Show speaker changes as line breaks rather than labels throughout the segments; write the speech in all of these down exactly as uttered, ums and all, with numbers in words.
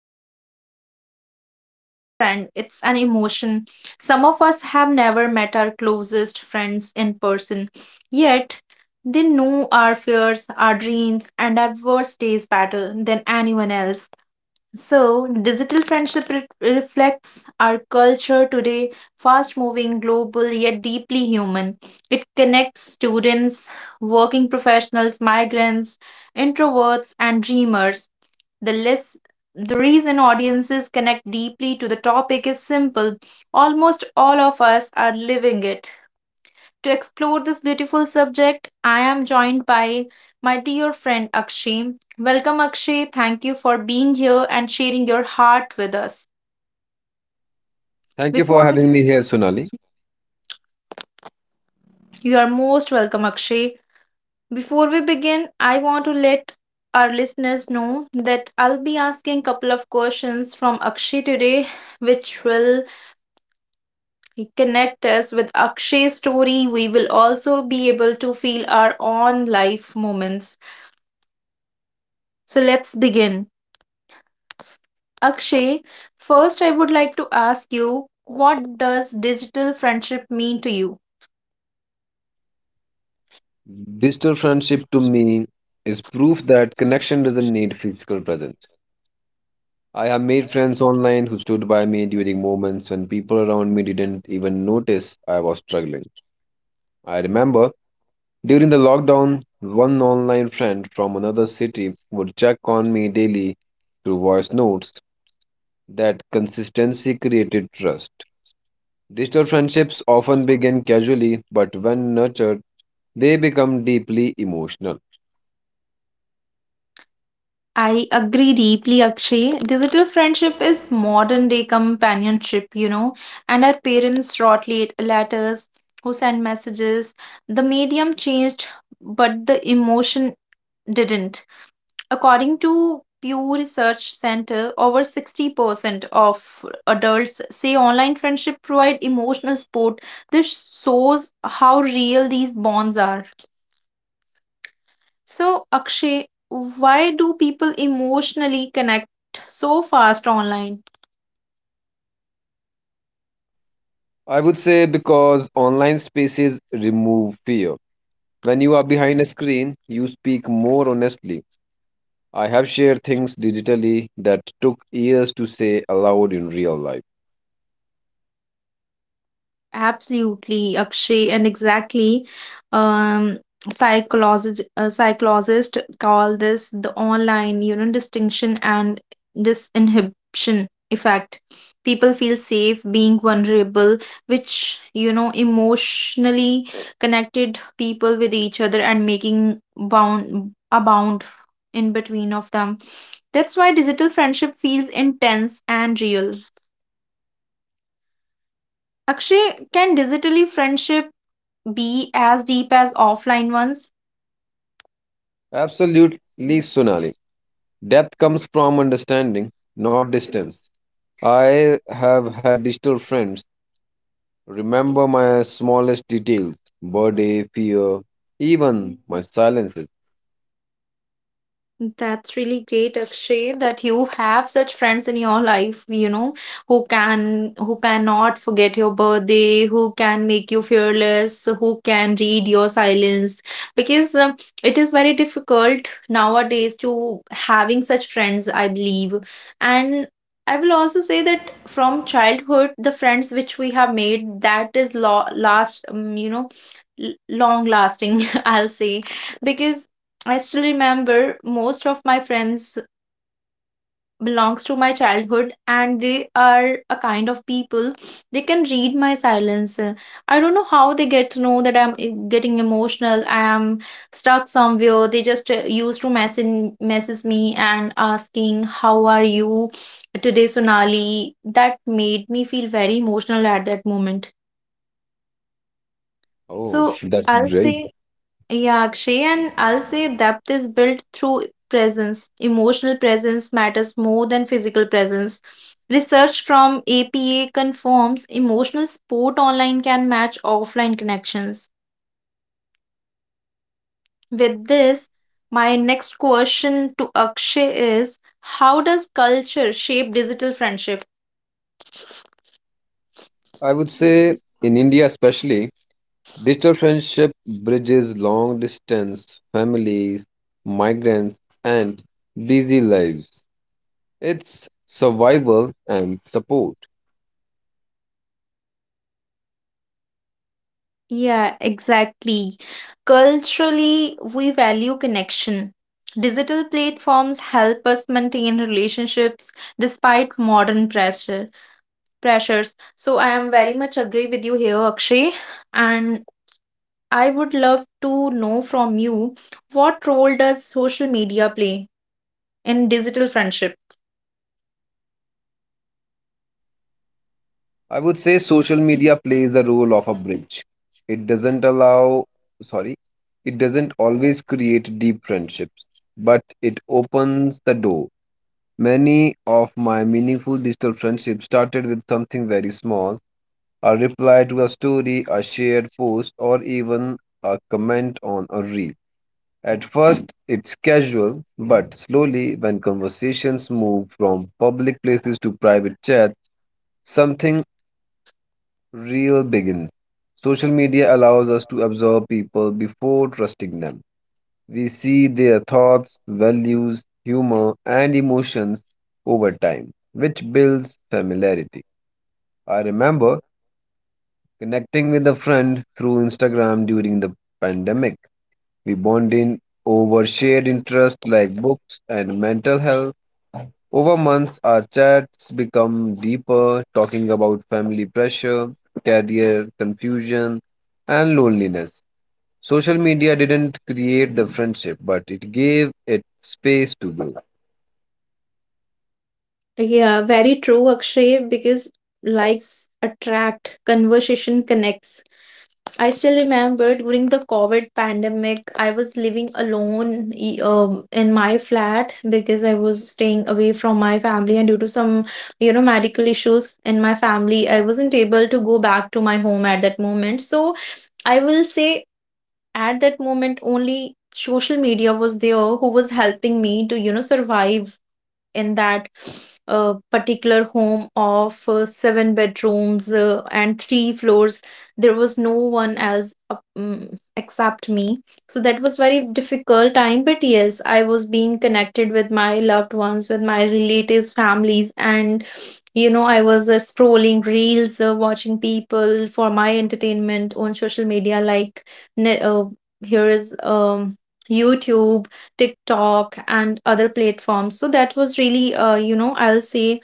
friendship has become more than just a trend, it's an emotion. Some of us have never met our closest friends in person, yet they know our fears, our dreams, and our worst days better than anyone else. So, digital friendship re- reflects our culture today, fast moving, global, yet deeply human. It connects students, working professionals, migrants, introverts, and dreamers. The list the reason audiences connect deeply to the topic is simple. Almost all of us are living it. To explore this beautiful subject, I am joined by my dear friend Akshay. Welcome, Akshay. Thank you for being here and sharing your heart with us.
Thank you for
Before we,
having me here, Sonali.
you are most welcome, Akshay. Before we begin, I want to let our listeners know that I'll be asking a couple of questions from Akshay today, which will connect us with Akshay's story. We will also be able to feel our own life moments. So let's begin. Akshay, first I would like to ask you, what does digital friendship mean to you?
Digital friendship to me is proof that connection doesn't need physical presence. I have made friends online who stood by me during moments when people around me didn't even notice I was struggling. I remember during the lockdown, one online friend from another city would check on me daily through voice notes. That consistency created trust. Digital friendships often begin casually, but when nurtured, they become deeply emotional.
I agree deeply, Akshay. Digital friendship is modern day companionship, you know, and our parents wrote late letters who sent messages. The medium changed, but the emotion didn't. According to Pew Research Center, over sixty percent of adults say online friendship provide emotional support. This shows how real these bonds are. So, Akshay, why do people emotionally connect so fast online?
I would say because online spaces remove fear. When you are behind a screen, you speak more honestly. I have shared things digitally that took years to say aloud in real life.
Absolutely, Akshay, and exactly. Um, psychologist uh, Psychologists call this the online, you know, distinction and disinhibition effect. People feel safe being vulnerable, which you know, emotionally connected people with each other and making bound a bound in between of them. That's why digital friendship feels intense and real. Akshay, can digitally friendship be as deep as offline ones?
Absolutely, Sonali. Depth comes from understanding, not distance. I have had digital friends remember my smallest details, birthday, fear, even my silences.
That's really great, Akshay, that you have such friends in your life, you know, who can who cannot forget your birthday, who can make you fearless, who can read your silence. Because um, it is very difficult nowadays to having such friends, I believe. And I will also say that from childhood, the friends which we have made, that is lo last, um, you know, l long lasting, I'll say. Because. I still remember most of my friends belongs to my childhood, and they are a kind of people, they can read my silence. Uh, I don't know how they get to know that i'm e- getting emotional, I am stuck somewhere. They just uh, used to message message me and asking, how are you today, Sonali? That made me feel very emotional at that moment. So
Oh, that's
I'll
great.
say Yeah, Akshay, and I'll say depth is built through presence. Emotional presence matters more than physical presence. Research from A P A confirms emotional support online can match offline connections. With this, my next question to Akshay is, how does culture shape digital friendship?
I would say in India, especially, digital friendship bridges long distance families, migrants, and busy lives. It's survival and support.
Yeah, exactly. Culturally, we value connection. Digital platforms help us maintain relationships despite modern pressure pressures. So I am very much agree with you here, Akshay. And I would love to know from you, what role does social media play in digital friendship?
I would say social media plays the role of a bridge. It doesn't allow, sorry, it doesn't always create deep friendships, but it opens the door. Many of my meaningful digital friendships started with something very small a reply to a story, a shared post, or even a comment on a reel. At first, it's casual, but slowly, when conversations move from public places to private chat, something real begins. Social media allows us to observe people before trusting them. We see their thoughts, values, humor, and emotions over time, which builds familiarity. I remember connecting with a friend through Instagram during the pandemic. We bonded over shared interests like books and mental health. Over months, our chats become deeper, talking about family pressure, career confusion, and loneliness. Social media didn't create the friendship, but it gave it space to grow.
Yeah, very true, Akshay, because likes attract, conversation connects. I still remember during the COVID pandemic, I was living alone e- um, in my flat because I was staying away from my family, and due to some, you know, medical issues in my family, I wasn't able to go back to my home at that moment. So I will say at that moment only social media was there who was helping me to, you know, survive in that uh, particular home of uh, seven bedrooms uh, and three floors. There was no one else up, mm, except me. So that was very difficult time, but yes, I was being connected with my loved ones, with my relatives, families, and you know, I was uh, scrolling reels, uh, watching people for my entertainment on social media, like ne- uh, here is um, YouTube, TikTok, and other platforms. So that was really, uh, you know, I'll say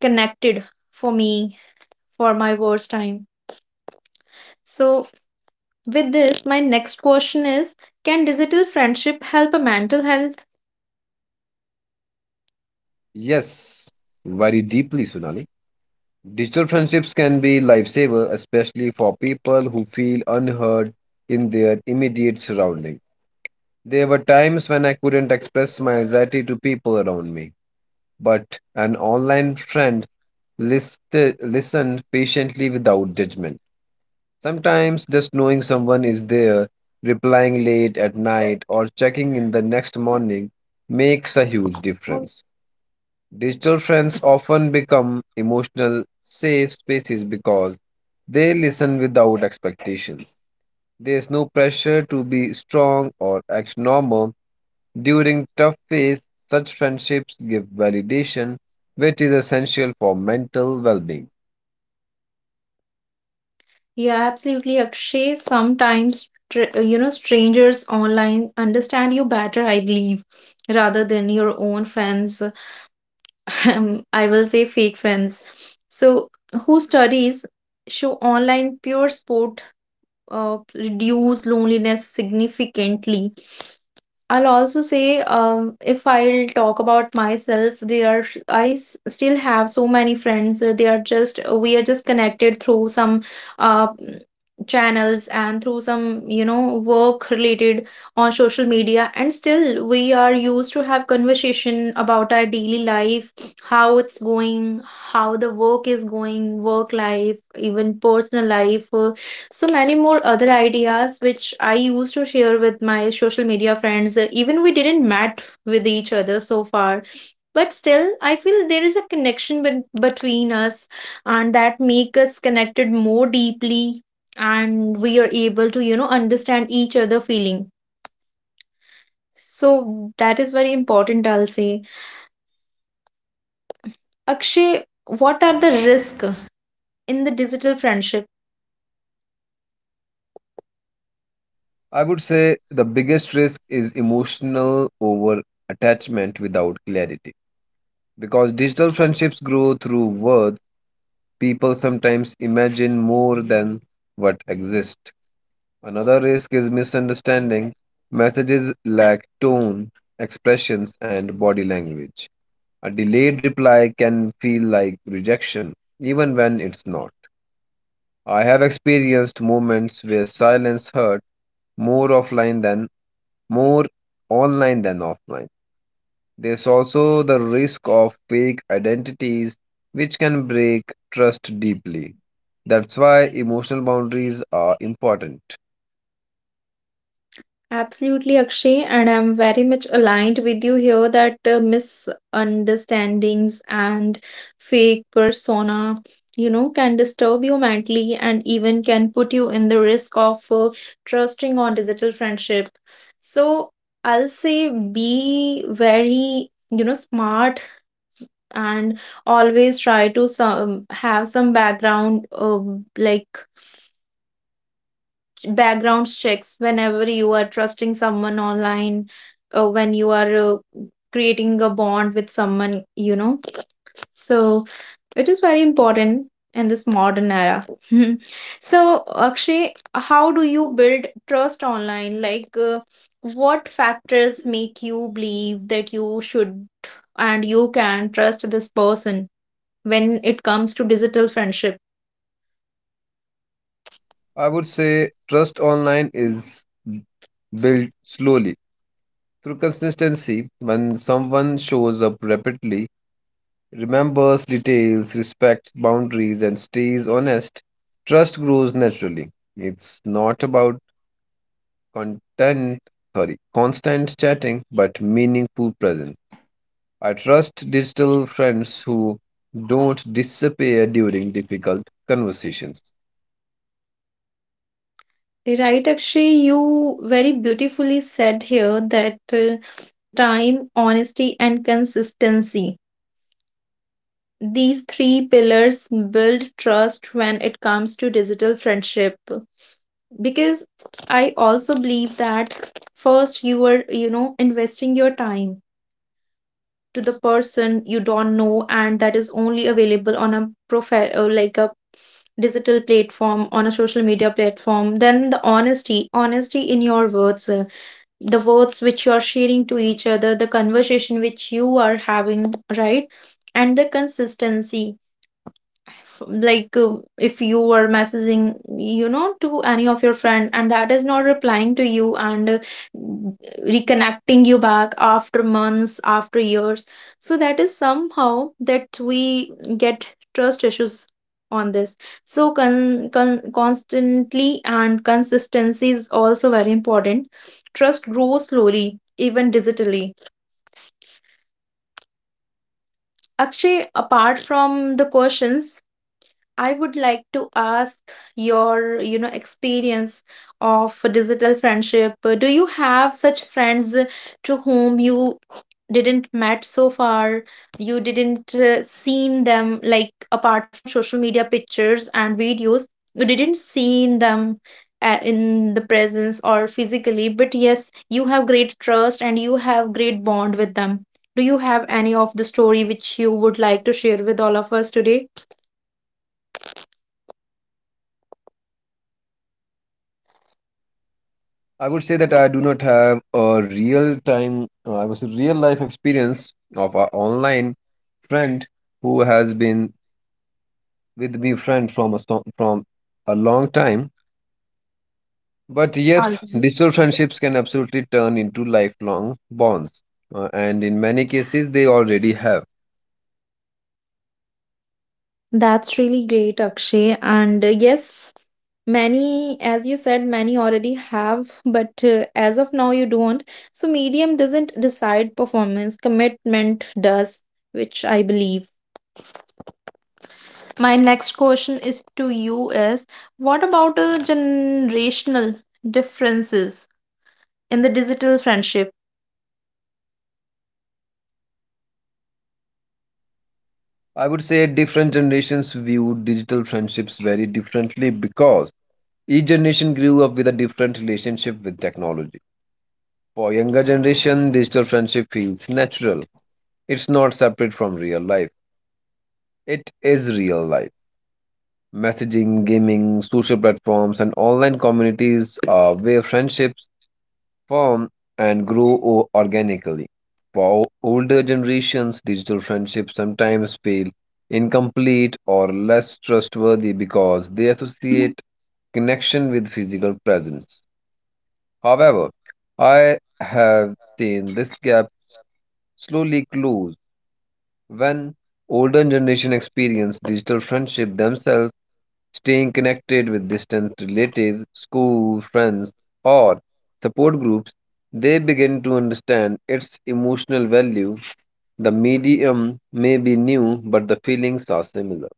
connected for me for my worst time. So, with this, my next question is, can digital friendship help a mental health?
Yes, very deeply, Sunali. Digital friendships can be lifesaver, especially for people who feel unheard in their immediate surroundings. There were times when I couldn't express my anxiety to people around me, but an online friend listed, listened patiently without judgment. Sometimes just knowing someone is there, replying late at night, or checking in the next morning makes a huge difference. Digital friends often become emotional safe spaces because they listen without expectations. There's no pressure to be strong or act normal. During tough phase, such friendships give validation, which is essential for mental well-being.
Yeah, absolutely, Akshay. Sometimes, tr- uh, you know, strangers online understand you better, I believe, rather than your own friends. Um, I will say fake friends. So, who studies show online pure sport uh, reduce loneliness significantly. I'll also say, um, if I'll talk about myself, they are still have so many friends. Uh, They are just uh, We are just connected through some uh, mm, channels and through some, you know work related, on social media, and still we are used to have conversation about our daily life, how it's going, how the work is going, work life, even personal life. Uh, so many more other ideas which I used to share with my social media friends. Uh, Even we didn't met with each other so far. But still, I feel there is a connection bet- between us, and that make us connected more deeply, and we are able to, you know, understand each other feeling. So that is very important, I'll say. Akshay, what are the risk in the digital friendship?
I would say the biggest risk is emotional over attachment without clarity. Because digital friendships grow through words, people sometimes imagine more than what exists. Another risk is misunderstanding. Messages lack tone, expressions, and body language. A delayed reply can feel like rejection, even when it's not. I have experienced moments where silence hurt more offline than more online than offline. There's also the risk of fake identities, which can break trust deeply. That's why emotional boundaries are important.
Absolutely, Akshay, and I'm very much aligned with you here that uh, misunderstandings and fake persona, you know, can disturb you mentally and even can put you in the risk of uh, trusting on digital friendship. So I'll say be very, you know, smart, and always try to some have some background, uh, like background checks whenever you are trusting someone online, uh, when you are uh, creating a bond with someone, you know. So it is very important in this modern era. So Akshay, how do you build trust online, like uh, what factors make you believe that you should and you can trust this person when it comes to digital friendship?
I would say trust online is built slowly through consistency. When someone shows up rapidly, remembers details, respects boundaries, and stays honest, trust grows naturally. It's not about content, sorry, constant chatting, but meaningful presence. I trust digital friends who don't disappear during difficult conversations.
Right, Akshay, you very beautifully said here that uh, time, honesty, and consistency. These three pillars build trust when it comes to digital friendship. Because I also believe that first you are, you know, investing your time to the person you don't know, and that is only available on a profile or like a digital platform on a social media platform. Then the honesty honesty in your words, uh, the words which you are sharing to each other, the conversation which you are having, right? And the consistency, f- like uh, if you were messaging, you know to any of your friend, and that is not replying to you, and uh, reconnecting you back after months, after years, so that is somehow that we get trust issues on this. So con- con- constantly and consistency is also very important. Trust grows slowly, even digitally. Actually, apart from the questions, I would like to ask your, you know, experience of digital friendship. Uh, Do you have such friends uh, to whom you didn't met so far? You didn't uh, seen them, like apart from social media pictures and videos. You didn't seen them uh, in the presence or physically, but yes, you have great trust and you have great bond with them. Do you have any of the story which you would like to share with all of us today?
I would say that I do not have a real time, uh, I was a real life experience of an online friend who has been with me friend from a sto- from a long time. But yes,
Alright.
digital friendships can absolutely turn into lifelong bonds, uh, and in many cases they already have.
That's really great, Akshay. And uh, yes, many, as you said, many already have, but uh, as of now, you don't. So, medium doesn't decide performance, commitment does, which I believe. My next question is to you is, what about uh, generational differences in the digital friendship?
I would say different generations view digital friendships very differently because each generation grew up with a different relationship with technology. For younger generation, digital friendship feels natural. It's not separate from real life. It is real life. Messaging, gaming, social platforms, and online communities are where friendships form and grow o- organically. For o- older generations, digital friendships sometimes feel incomplete or less trustworthy because they associate connection with physical presence. However, I have seen this gap slowly close. When older generation experience digital friendship themselves, staying connected with distant relatives, school, friends, or support groups, they begin to understand its emotional value. The medium may be new, but the feelings are similar.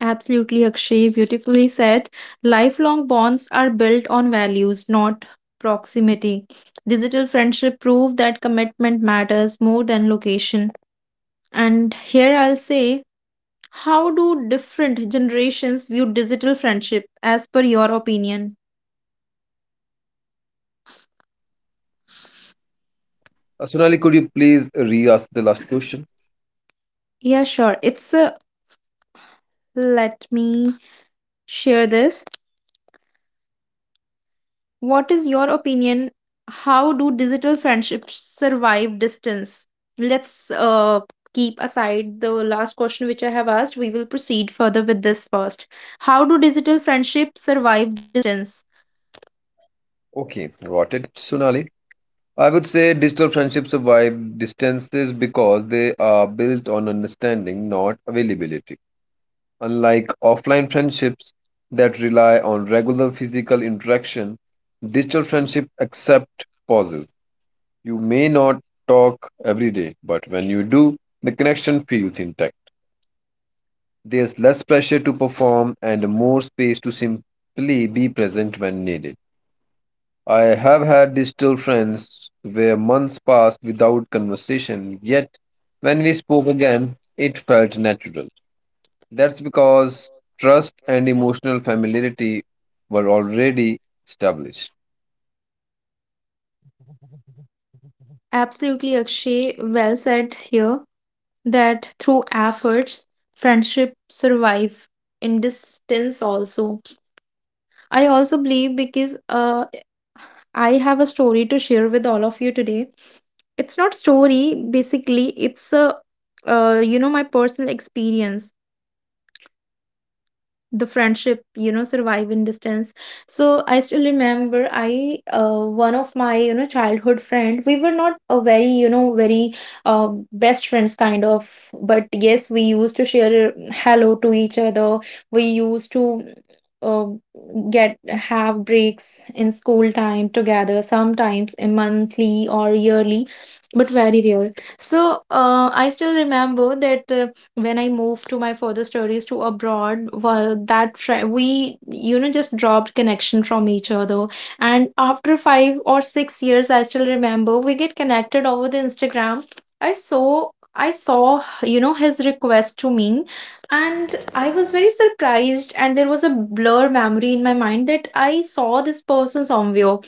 Absolutely, Akshay. Beautifully said. Lifelong bonds are built on values, not proximity. Digital friendship prove that commitment matters more than location. And here I'll say, how do different generations view digital friendship as per your opinion?
Uh, Sonali, could you please re-ask the last question?
Yeah, sure. It's a let me share this. What is your opinion? How do digital friendships survive distance? Let's uh, keep aside the last question which I have asked. We will proceed further with this first. How do digital friendships survive distance?
Okay, got it, Sonali. I would say digital friendships survive distances because they are built on understanding, not availability. Unlike offline friendships that rely on regular physical interaction, digital friendships accept pauses. You may not talk every day, but when you do, the connection feels intact. There's less pressure to perform and more space to simply be present when needed. I have had digital friends where months passed without conversation, yet when we spoke again, it felt natural. That's because trust and emotional familiarity were already established.
Absolutely, Akshay. Well said here that through efforts, friendship survive in distance also. I also believe because uh, I have a story to share with all of you today. It's not story basically it's a uh, you know My personal experience, the friendship you know survive in distance. So I still remember, I uh, one of my you know childhood friend we were not a very you know very uh, best friends kind of, but yes, we used to share uh, hello to each other. We used to uh, get, have breaks in school time together, sometimes a monthly or yearly, but very rare. So uh, I still remember that uh, when I moved to my further studies to abroad, well, that fri we, you know, just dropped connection from each other. And after five or six years, I still remember we get connected over the Instagram. I saw, I saw, you know, his request to me, and I was very surprised. And there was a blur memory in my mind that I saw this person somewhere.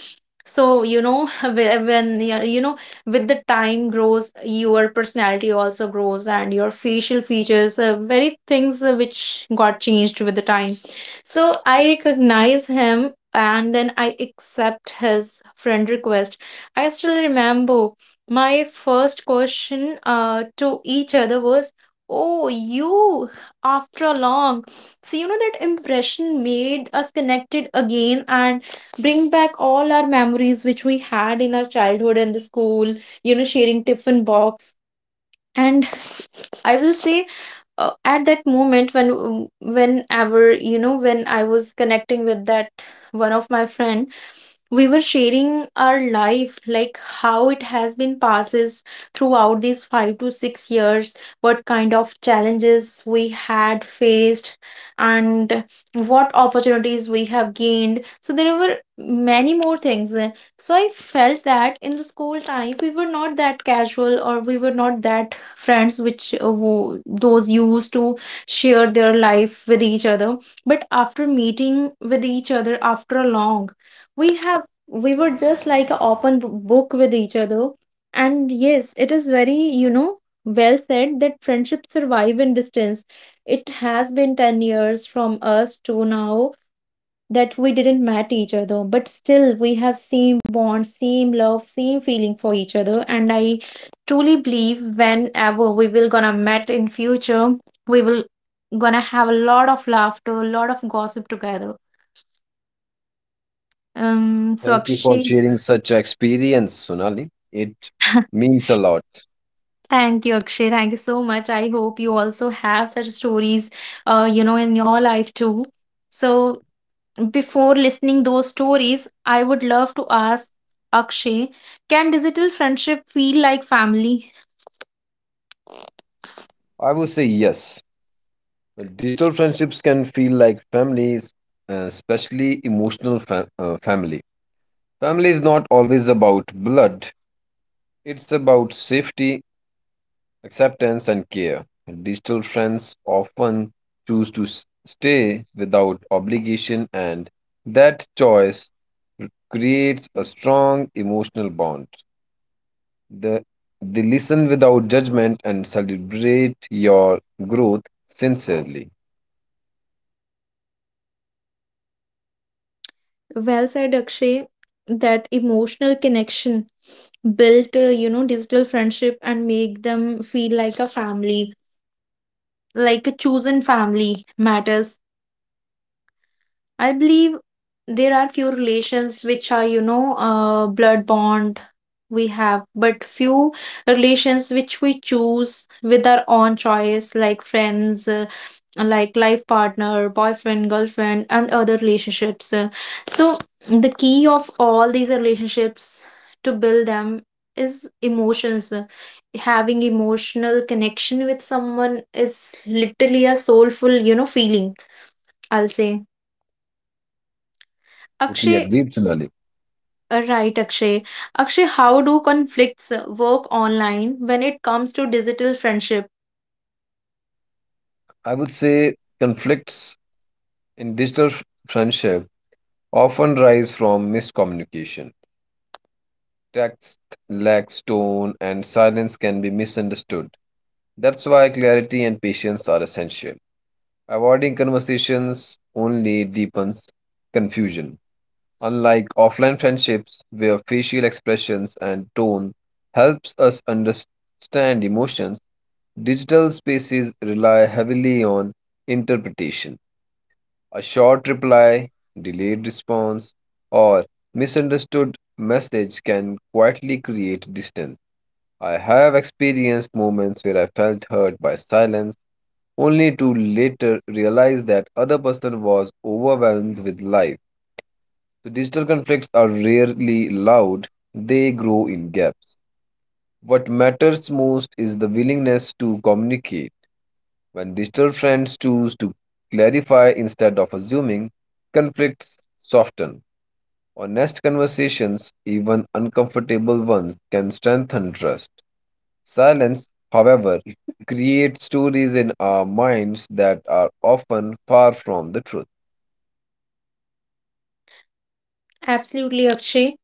So, you know, whe- when you you know, with the time grows, your personality also grows, and your facial features, uh, very things uh, which got changed with the time. So, I recognize him and then I accept his friend request. I still remember my first question uh, to each other was, oh, you after long. So, you know, that impression made us connected again, and bring back all our memories which we had in our childhood and the school, you know, sharing tiffin box. And I will say uh, at that moment when whenever you know when I was connecting with that one of my friend, we were sharing our life, like how it has been passes throughout these five to six years, what kind of challenges we had faced and what opportunities we have gained. So there were many more things. So I felt that in the school time we were not that casual, or we were not that friends which uh, wo- those used to share their life with each other. But after meeting with each other after a long, we have we were just like an open b- book with each other. And yes, it is very, you know well said that friendships survive in distance. It has been ten years from us to now that we didn't met each other, but still we have same bond, same love, same feeling for each other. And I truly believe whenever we will gonna met in future, we will gonna have a lot of laughter, a lot of gossip together. Um so
Thank you for
Akshay.
sharing such experience, Sonali. It means a lot.
Thank you, Akshay. Thank you so much. I hope you also have such stories, uh, you know, in your life too. So before listening those stories, I would love to ask Akshay, can digital friendship feel like family?
I would say yes. Digital friendships can feel like families, uh, especially emotional fa- uh, family. Family is not always about blood. It's about safety, acceptance, and care. Digital friends often choose to s- stay without obligation, and that choice r- creates a strong emotional bond. The, they listen without judgment and celebrate your growth sincerely.
Well said, Akshay. That emotional connection built, uh, you know, digital friendship and make them feel like a family, like a chosen family matters. I believe there are few relations which are, you know, uh, blood bond we have, but few relations which we choose with our own choice, like friends, uh, like life partner, boyfriend, girlfriend, and other relationships. Uh, So, the key of all these relationships to build them is emotions. Uh, Having emotional connection with someone is literally a soulful, you know, feeling, I'll say.
Totally
Akshay.
agree, Sonali.
Uh, Right, Akshay. Akshay, how do conflicts uh, work online when it comes to digital friendship?
I would say conflicts in digital f- friendship often rise from miscommunication. Text, lack, tone, and silence can be misunderstood. That's why clarity and patience are essential. Avoiding conversations only deepens confusion. Unlike offline friendships, where facial expressions and tone helps us understand emotions, digital spaces rely heavily on interpretation. A short reply, delayed response, or misunderstood message can quietly create distance. I have experienced moments where I felt hurt by silence only to later realize that other person was overwhelmed with life. So digital conflicts are rarely loud, they grow in gaps. What matters most is the willingness to communicate. When digital friends choose to clarify instead of assuming, conflicts soften. Honest conversations, even uncomfortable ones, can strengthen trust. Silence, however, creates stories in our minds that are often far from the truth.
Absolutely, Akshay.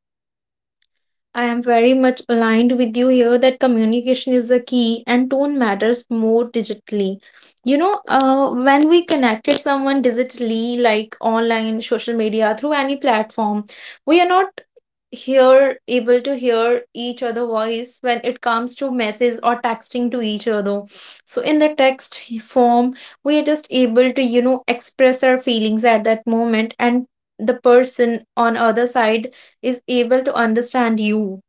I am very much aligned with you here that communication is the key and tone matters more digitally. You know, uh, when we connected someone digitally, like online, social media, through any platform, we are not here able to hear each other voice when it comes to message or texting to each other. So in the text form we are just able to you know express our feelings at that moment, and the person on other side is able to understand you,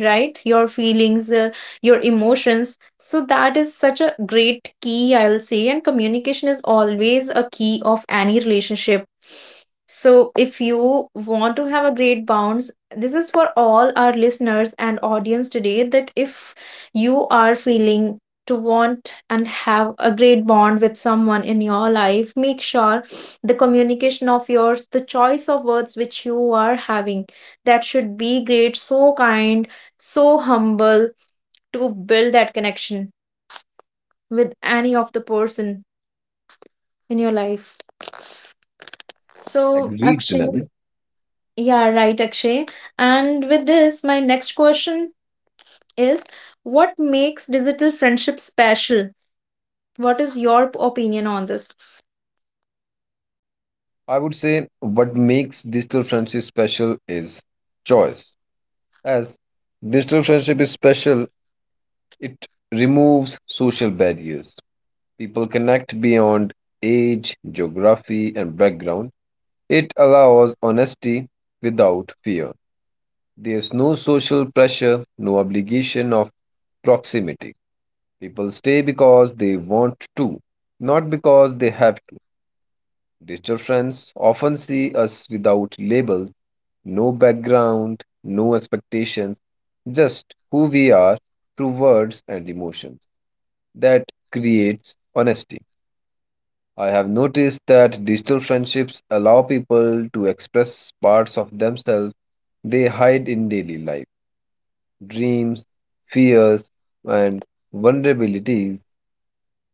right, your feelings, uh, your emotions. So that is such a great key, I'll say, and communication is always a key of any relationship. So if you want to have a great bounds, this is for all our listeners and audience today, that if you are feeling to want and have a great bond with someone in your life, make sure the communication of yours, the choice of words which you are having, that should be great, so kind, so humble, to build that connection with any of the person in your life. So,
Agreed,
Akshay,
Sunani.
yeah, right, Akshay. And with this, my next question is, what makes digital friendship special? What is your p- opinion on this?
I would say what makes digital friendship special is choice. As digital friendship is special, it removes social barriers. People connect beyond age, geography, and background. It allows honesty without fear. There's no social pressure, no obligation of proximity. People stay because they want to, not because they have to. Digital friends often see us without labels, no background, no expectations, just who we are through words and emotions. That creates honesty. I have noticed that digital friendships allow people to express parts of themselves they hide in daily life, dreams, fears, and vulnerabilities.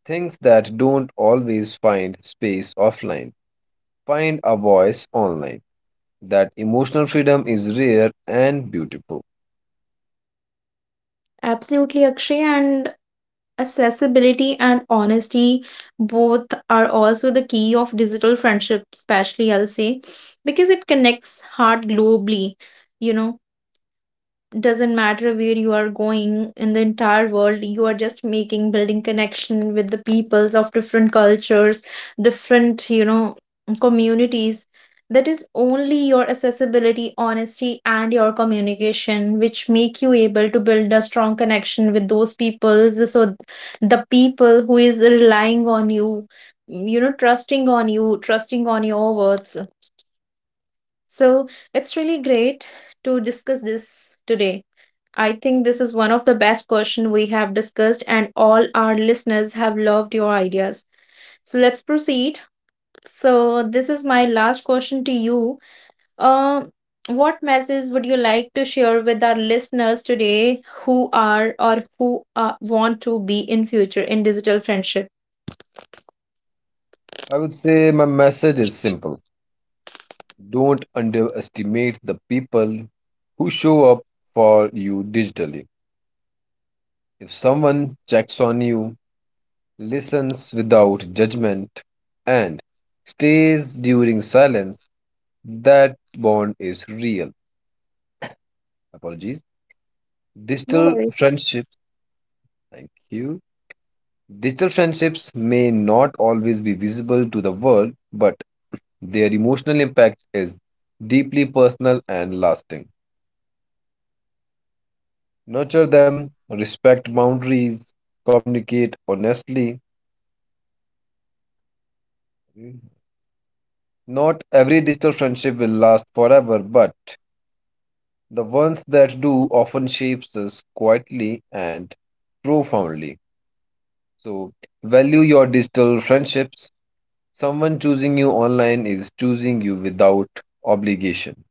Things that don't always find space offline find a voice online. That emotional freedom is rare and beautiful.
Absolutely, Akshay. And accessibility and honesty both are also the key of digital friendship, especially, I'll say, because it connects heart globally. you know doesn't matter where you are going in the entire world, you are just making, building connection with the peoples of different cultures, different, you know communities. That is only your accessibility, honesty, and your communication which make you able to build a strong connection with those peoples. So the people who is relying on you, you know trusting on you, trusting on your words, so it's really great to discuss this today. I think this is one of the best questions we have discussed, and all our listeners have loved your ideas. So let's proceed. So this is my last question to you. Uh, what message would you like to share with our listeners today who are, or who uh, want to be in future in digital friendship?
I would say my message is simple. Don't underestimate the people who show up for you digitally. If someone checks on you, listens without judgment, and stays during silence, that bond is real. Apologies.
No
Digital
worries.
friendships. Thank you. Digital friendships may not always be visible to the world, but their emotional impact is deeply personal and lasting. Nurture them, respect boundaries, communicate honestly. Not every digital friendship will last forever, but the ones that do often shapes us quietly and profoundly. So, value your digital friendships. Someone choosing you online is choosing you without obligation.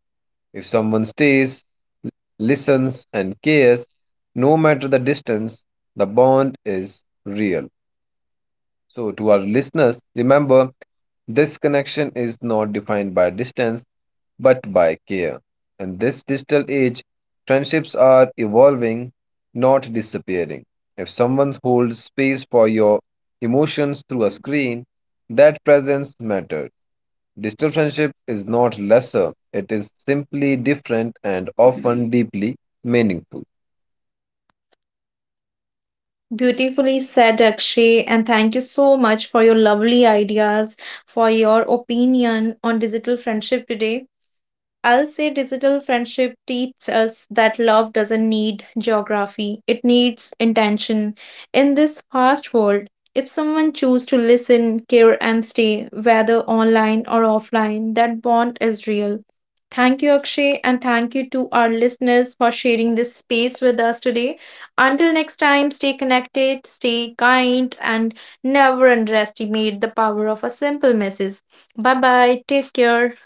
If someone stays, listens, and cares, no matter the distance, the bond is real. So, to our listeners, remember this connection is not defined by distance but by care. In this digital age, friendships are evolving, not disappearing. If someone holds space for your emotions through a screen, that presence matters. Digital friendship is not lesser, it is simply different and often deeply meaningful.
Beautifully said, Akshay, and thank you so much for your lovely ideas, for your opinion on digital friendship today. I'll say digital friendship teaches us that love doesn't need geography, it needs intention. In this fast world, if someone chooses to listen, care, and stay, whether online or offline, that bond is real. Thank you, Akshay, and thank you to our listeners for sharing this space with us today. Until next time, stay connected, stay kind, and never underestimate the power of a simple message. Bye bye, take care.